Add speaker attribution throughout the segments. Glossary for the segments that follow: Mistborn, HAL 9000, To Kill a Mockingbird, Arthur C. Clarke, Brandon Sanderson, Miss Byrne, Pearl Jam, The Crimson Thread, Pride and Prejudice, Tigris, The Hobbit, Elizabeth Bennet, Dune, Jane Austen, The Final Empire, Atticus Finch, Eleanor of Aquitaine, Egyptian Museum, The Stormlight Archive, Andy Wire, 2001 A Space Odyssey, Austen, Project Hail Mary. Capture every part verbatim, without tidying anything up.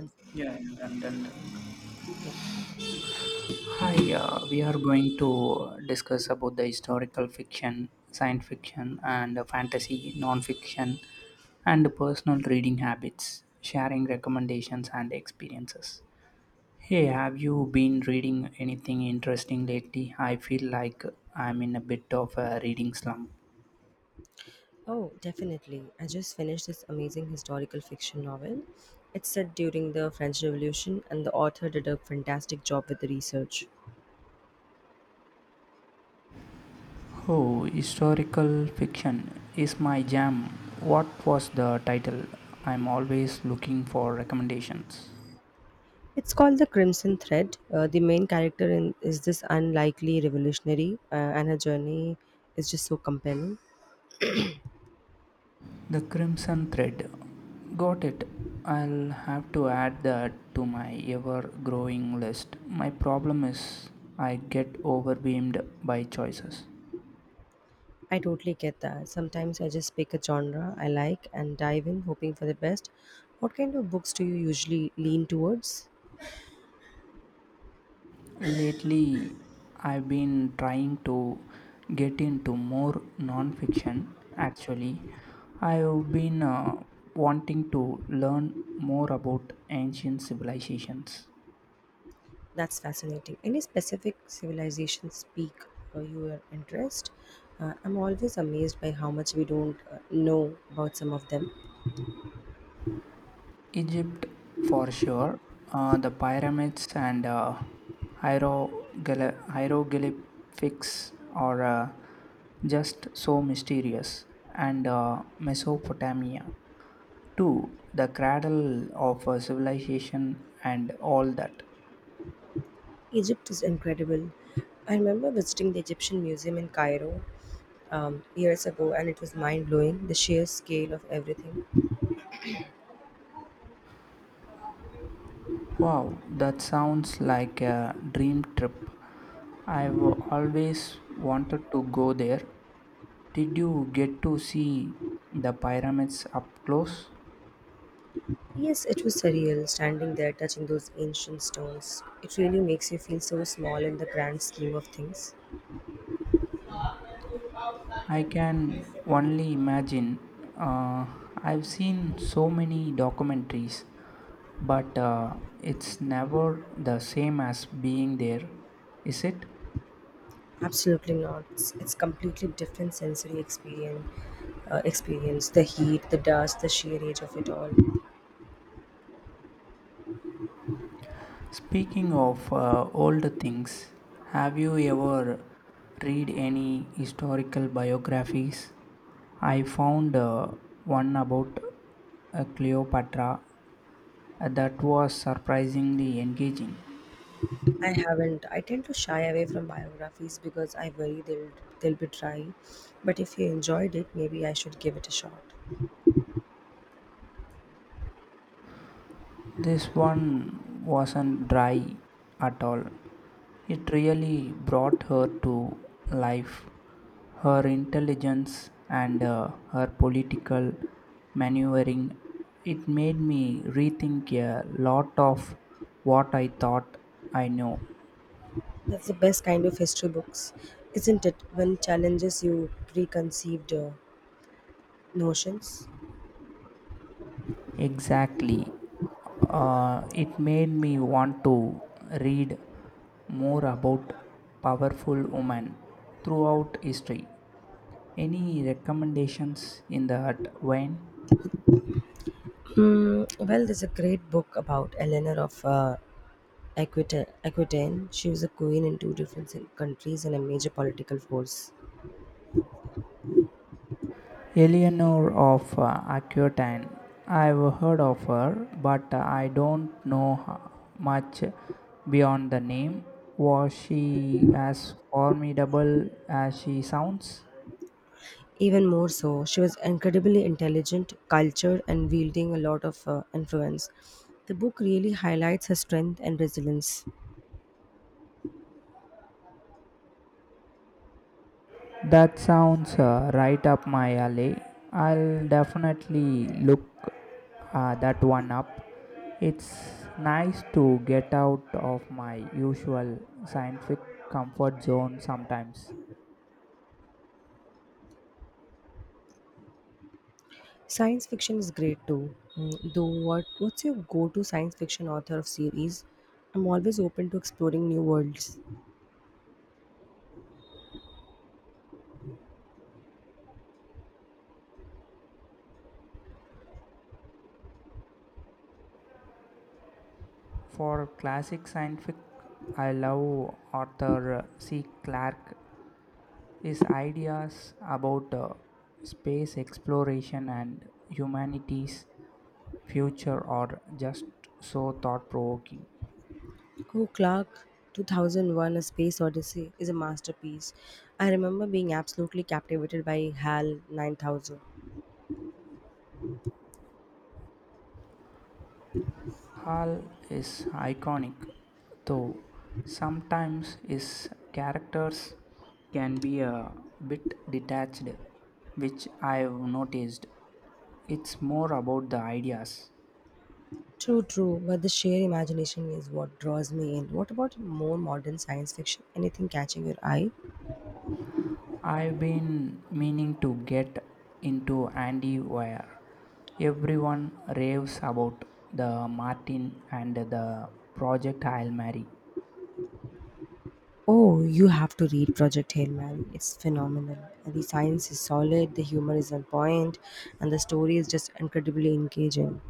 Speaker 1: Yes.
Speaker 2: Yeah, yeah, done, done, done.
Speaker 1: Yeah.
Speaker 2: Hi, uh, we are going to discuss about the historical fiction, science fiction, and uh, fantasy, non-fiction, and personal reading habits, sharing recommendations and experiences. Hey, have you been reading anything interesting lately? I feel like I'm in a bit of a reading slump.
Speaker 1: Oh, definitely. I just finished this amazing historical fiction novel. It's set during the French Revolution, and the author did a fantastic job with the research.
Speaker 2: Oh, historical fiction is my jam. What was the title? I'm always looking for recommendations.
Speaker 1: It's called The Crimson Thread. Uh, the main character in, is this unlikely revolutionary, uh, and her journey is just so compelling.
Speaker 2: The crimson thread. Got it. I'll have to add that to my ever growing list. My problem is I get overwhelmed by choices.
Speaker 1: I totally get that. Sometimes I just pick a genre I like and dive in, hoping for the best. What kind of books do you usually lean towards?
Speaker 2: Lately, I've been trying to get into more non-fiction. Actually, I've been uh, wanting to learn more about ancient civilizations.
Speaker 1: That's fascinating. Any specific civilizations pique uh, your interest? Uh, I'm always amazed by how much we don't uh, know about some of them.
Speaker 2: Egypt for sure. Uh, the pyramids and uh, hieroglyph- hieroglyphics are uh, just so mysterious. And uh, Mesopotamia, too, the cradle of uh, civilization and all that.
Speaker 1: Egypt is incredible. I remember visiting the Egyptian Museum in Cairo um, years ago, and it was mind blowing the sheer scale of everything.
Speaker 2: Wow, that sounds like a dream trip. I've always wanted to go there. Did you get to see the pyramids up close?
Speaker 1: Yes, it was surreal standing there touching those ancient stones. It really makes you feel so small in the grand scheme of things.
Speaker 2: I can only imagine. Uh, I've seen so many documentaries, but uh, it's never the same as being there, is it?
Speaker 1: Absolutely not. It's, it's completely different sensory experience. Uh, experience the heat, the dust, the sheer age of it all.
Speaker 2: Speaking of uh, old things, have you ever read any historical biographies? I found uh, one about uh, Cleopatra uh, that was surprisingly engaging.
Speaker 1: I haven't. I tend to shy away from biographies because I worry they'll they'll be dry. But if you enjoyed it, maybe I should give it a shot.
Speaker 2: This one wasn't dry at all. It really brought her to life. Her intelligence and uh, her political maneuvering, it made me rethink a lot of what I thought I knew.
Speaker 1: That's the best kind of history books, isn't it? When challenges you preconceived uh, notions.
Speaker 2: Exactly. Uh, it made me want to read more about powerful women throughout history. Any recommendations in that vein?
Speaker 1: Mm, well, there's a great book about Eleanor of uh, Aquita- Aquitaine, she was a queen in two different cen- countries and a major political force.
Speaker 2: Eleanor of uh, Aquitaine. I've heard of her, but I don't know h- much beyond the name. Was she as formidable as she sounds?
Speaker 1: Even more so, she was incredibly intelligent, cultured, and wielding a lot of uh, influence. The book really highlights her strength and resilience.
Speaker 2: That sounds uh, right up my alley. I'll definitely look uh, that one up. It's nice to get out of my usual scientific comfort zone sometimes.
Speaker 1: Science fiction is great too. Mm, though, what what's your go-to science fiction author of series? I'm always open to exploring new worlds.
Speaker 2: For classic scientific, I love Arthur C. Clarke. His ideas about uh, space exploration and humanity's future are just so thought provoking.
Speaker 1: Oh, Clark, two thousand one A Space Odyssey is a masterpiece. I remember being absolutely captivated by HAL nine thousand.
Speaker 2: Hall is iconic, though sometimes his characters can be a bit detached, which I've noticed. It's more about the ideas.
Speaker 1: True, true, but the sheer imagination is what draws me in. What about more modern science fiction? Anything catching your eye?
Speaker 2: I've been meaning to get into Andy Wire. Everyone raves about the Martin and the project I'll marry.
Speaker 1: Oh, you have to read Project Hail Mary. It's phenomenal. The science is solid, the humor is on point, and the story is just incredibly engaging.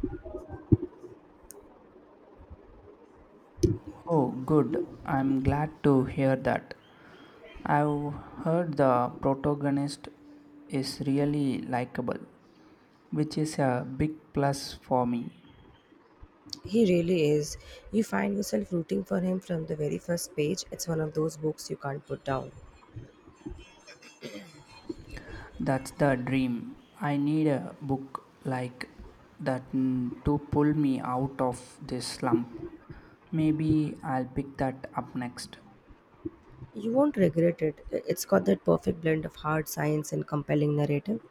Speaker 2: Oh, good. I'm glad to hear that. I've heard the protagonist is really likable, which is a big plus for me.
Speaker 1: He really is. You find yourself rooting for him from the very first page. It's one of those books you can't put down.
Speaker 2: That's the dream. I need a book like that mm, to pull me out of this slump. Maybe I'll pick that up next.
Speaker 1: You won't regret it. It's got that perfect blend of hard science and compelling narrative.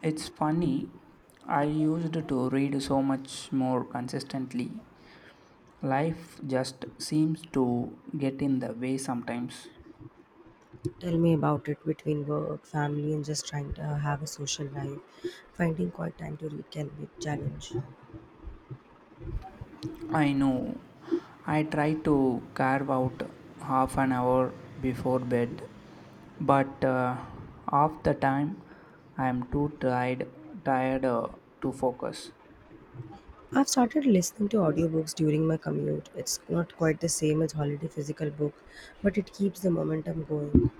Speaker 2: It's funny, I used to read so much more consistently. Life just seems to get in the way sometimes.
Speaker 1: Tell me about it between work, family, and just trying to uh, have a social life. Finding quite time to read can be a challenge.
Speaker 2: I know. I try to carve out half an hour before bed, but uh, half the time I am too tired tired uh, to focus.
Speaker 1: I've started listening to audiobooks during my commute. It's not quite the same as holiday physical book, but it keeps the momentum going.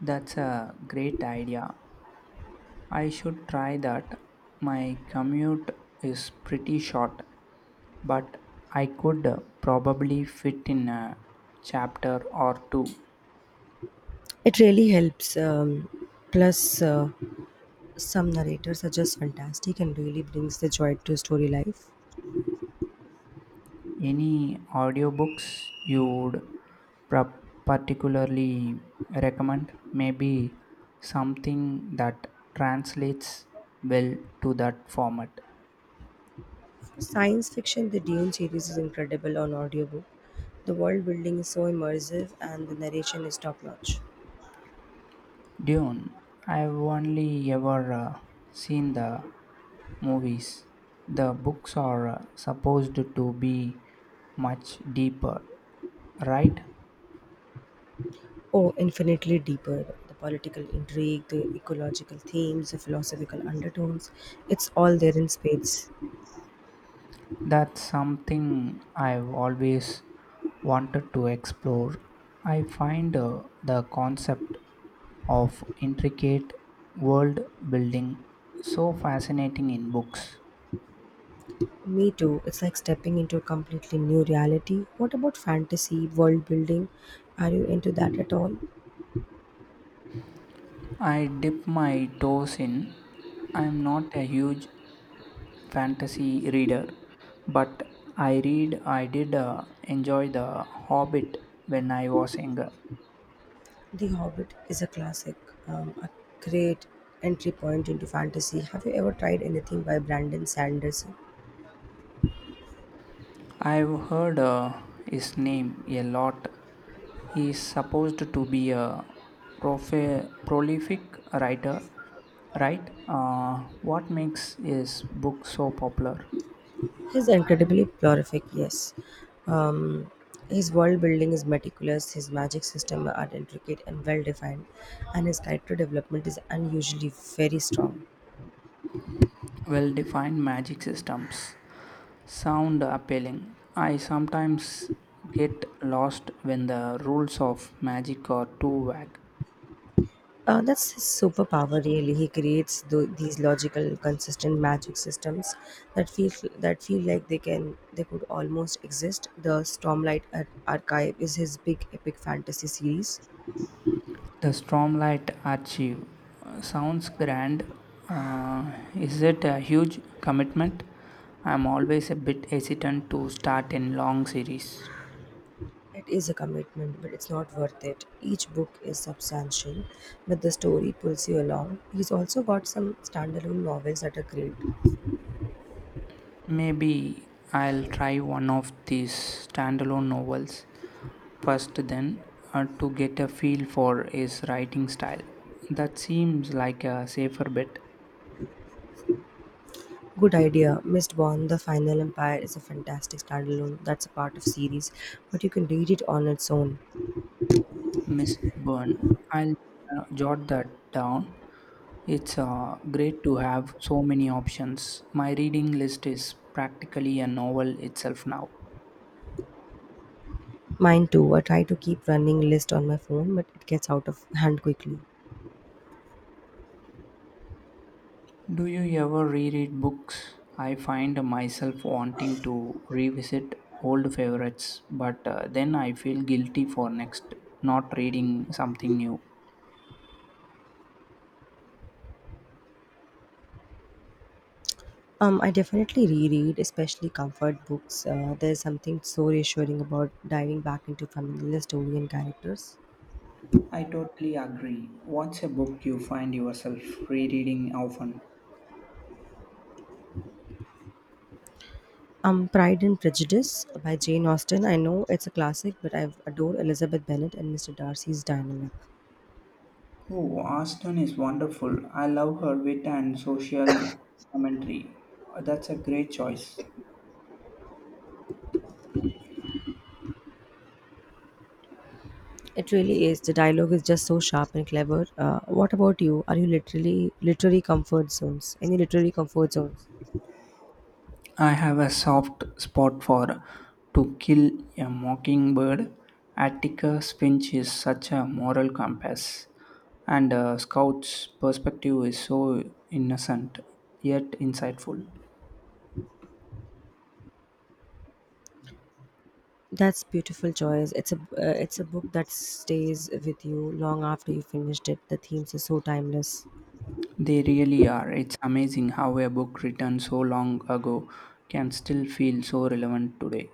Speaker 2: That's a great idea. I should try that. My commute is pretty short, but I could uh, probably fit in a chapter or two.
Speaker 1: It really helps. Um, plus, uh, some narrators are just fantastic and really brings the joy to story life.
Speaker 2: Any audiobooks you would pra- particularly recommend? Maybe something that translates well to that format.
Speaker 1: Science fiction, the Dune series is incredible on audiobook. The world building is so immersive and the narration is top notch.
Speaker 2: Dune. I've only ever uh, seen the movies. The books are uh, supposed to be much deeper, right?
Speaker 1: Oh, infinitely deeper. The political intrigue, the ecological themes, the philosophical undertones, it's all there in spades.
Speaker 2: That's something I've always wanted to explore. I find uh, the concept of intricate world building so fascinating in books.
Speaker 1: Me too, it's like stepping into a completely new reality. What about fantasy, world building? Are you into that at all?
Speaker 2: I dip my toes in. I'm not a huge fantasy reader, but I read, I did uh, enjoy The Hobbit when I was younger.
Speaker 1: The Hobbit is a classic, um, a great entry point into fantasy. Have you ever tried anything by Brandon Sanderson?
Speaker 2: I've heard uh, his name a lot. He is supposed to be a prof- prolific writer, right? Uh, what makes his book so popular?
Speaker 1: He's incredibly prolific, yes. Um, his world building is meticulous, his magic system are intricate and well defined, and his character development is unusually very strong.
Speaker 2: Well defined magic systems sound appealing. I sometimes get lost when the rules of magic are too vague.
Speaker 1: Uh, that's his superpower, really. He creates tho- these logical, consistent magic systems that feel that feel like they can they could almost exist. The Stormlight Ar- Archive is his big epic fantasy series.
Speaker 2: The Stormlight Archive uh, sounds grand. Uh, is it a huge commitment? I'm always a bit hesitant to start in long series.
Speaker 1: It is a commitment, but it's not worth it. Each book is substantial, but the story pulls you along. He's also got some standalone novels that are great.
Speaker 2: Maybe I'll try one of these standalone novels first, then, uh, to get a feel for his writing style. That seems like a safer bet.
Speaker 1: Good idea. Mistborn, The Final Empire is a fantastic standalone. That's a part of series, but you can read it on its own.
Speaker 2: Miss Byrne, I'll uh, jot that down. It's uh, great to have so many options. My reading list is practically a novel itself now.
Speaker 1: Mine too. I try to keep running list on my phone, but it gets out of hand quickly.
Speaker 2: Do you ever reread books? I find myself wanting to revisit old favorites, but uh, then I feel guilty for next not reading something new.
Speaker 1: Um, I definitely reread, especially comfort books. Uh, there's something so reassuring about diving back into familiar story and characters.
Speaker 2: I totally agree. What's a book you find yourself rereading often?
Speaker 1: Um, Pride and Prejudice by Jane Austen. I know it's a classic, but I adore Elizabeth Bennet and mister Darcy's dynamic.
Speaker 2: Oh, Austen is wonderful. I love her wit and social commentary. Uh, That's a great choice.
Speaker 1: It really is. The dialogue is just so sharp and clever. Uh, what about you? Are you literally literary comfort zones? Any literary comfort zones?
Speaker 2: I have a soft spot for To Kill a Mockingbird. Atticus Finch is such a moral compass, and uh, Scout's perspective is so innocent yet insightful.
Speaker 1: That's beautiful, Joyce. It's a uh, it's a book that stays with you long after you finished it. The themes are so timeless.
Speaker 2: They really are. It's amazing how a book written so long ago can still feel so relevant today.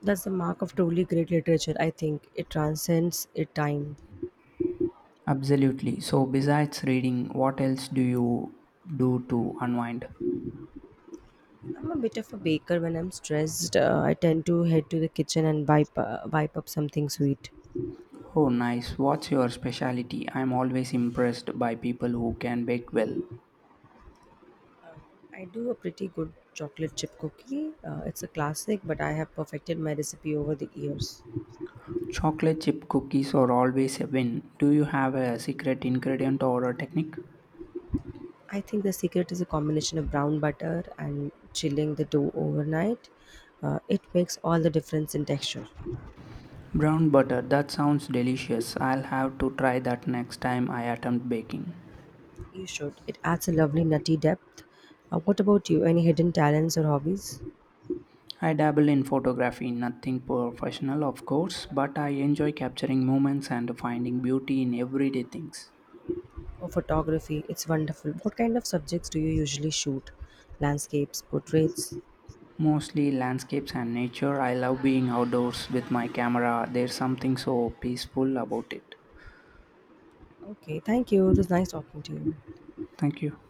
Speaker 1: That's the mark of truly great literature. I think it transcends its time.
Speaker 2: Absolutely. So, besides reading, what else do you do to unwind?
Speaker 1: I'm a bit of a baker. When I'm stressed, uh, I tend to head to the kitchen and wipe, uh, wipe up something sweet.
Speaker 2: Oh, nice. What's your specialty? I'm always impressed by people who can bake well.
Speaker 1: I do a pretty good chocolate chip cookie. Uh, it's a classic, but I have perfected my recipe over the years.
Speaker 2: Chocolate chip cookies are always a win. Do you have a secret ingredient or a technique?
Speaker 1: I think the secret is a combination of brown butter and chilling the dough overnight. Uh, it makes all the difference in texture.
Speaker 2: Brown butter, that sounds delicious. I'll have to try that next time I attempt baking.
Speaker 1: You should. It adds a lovely nutty depth. Uh, what about you? Any hidden talents or hobbies?
Speaker 2: I dabble in photography, nothing professional, of course, but I enjoy capturing moments and finding beauty in everyday things.
Speaker 1: Oh, photography, it's wonderful. What kind of subjects do you usually shoot? Landscapes, portraits?
Speaker 2: Mostly landscapes and nature. I love being outdoors with my camera. There's something so peaceful about it.
Speaker 1: Okay, thank you. It was nice talking to you.
Speaker 2: Thank you.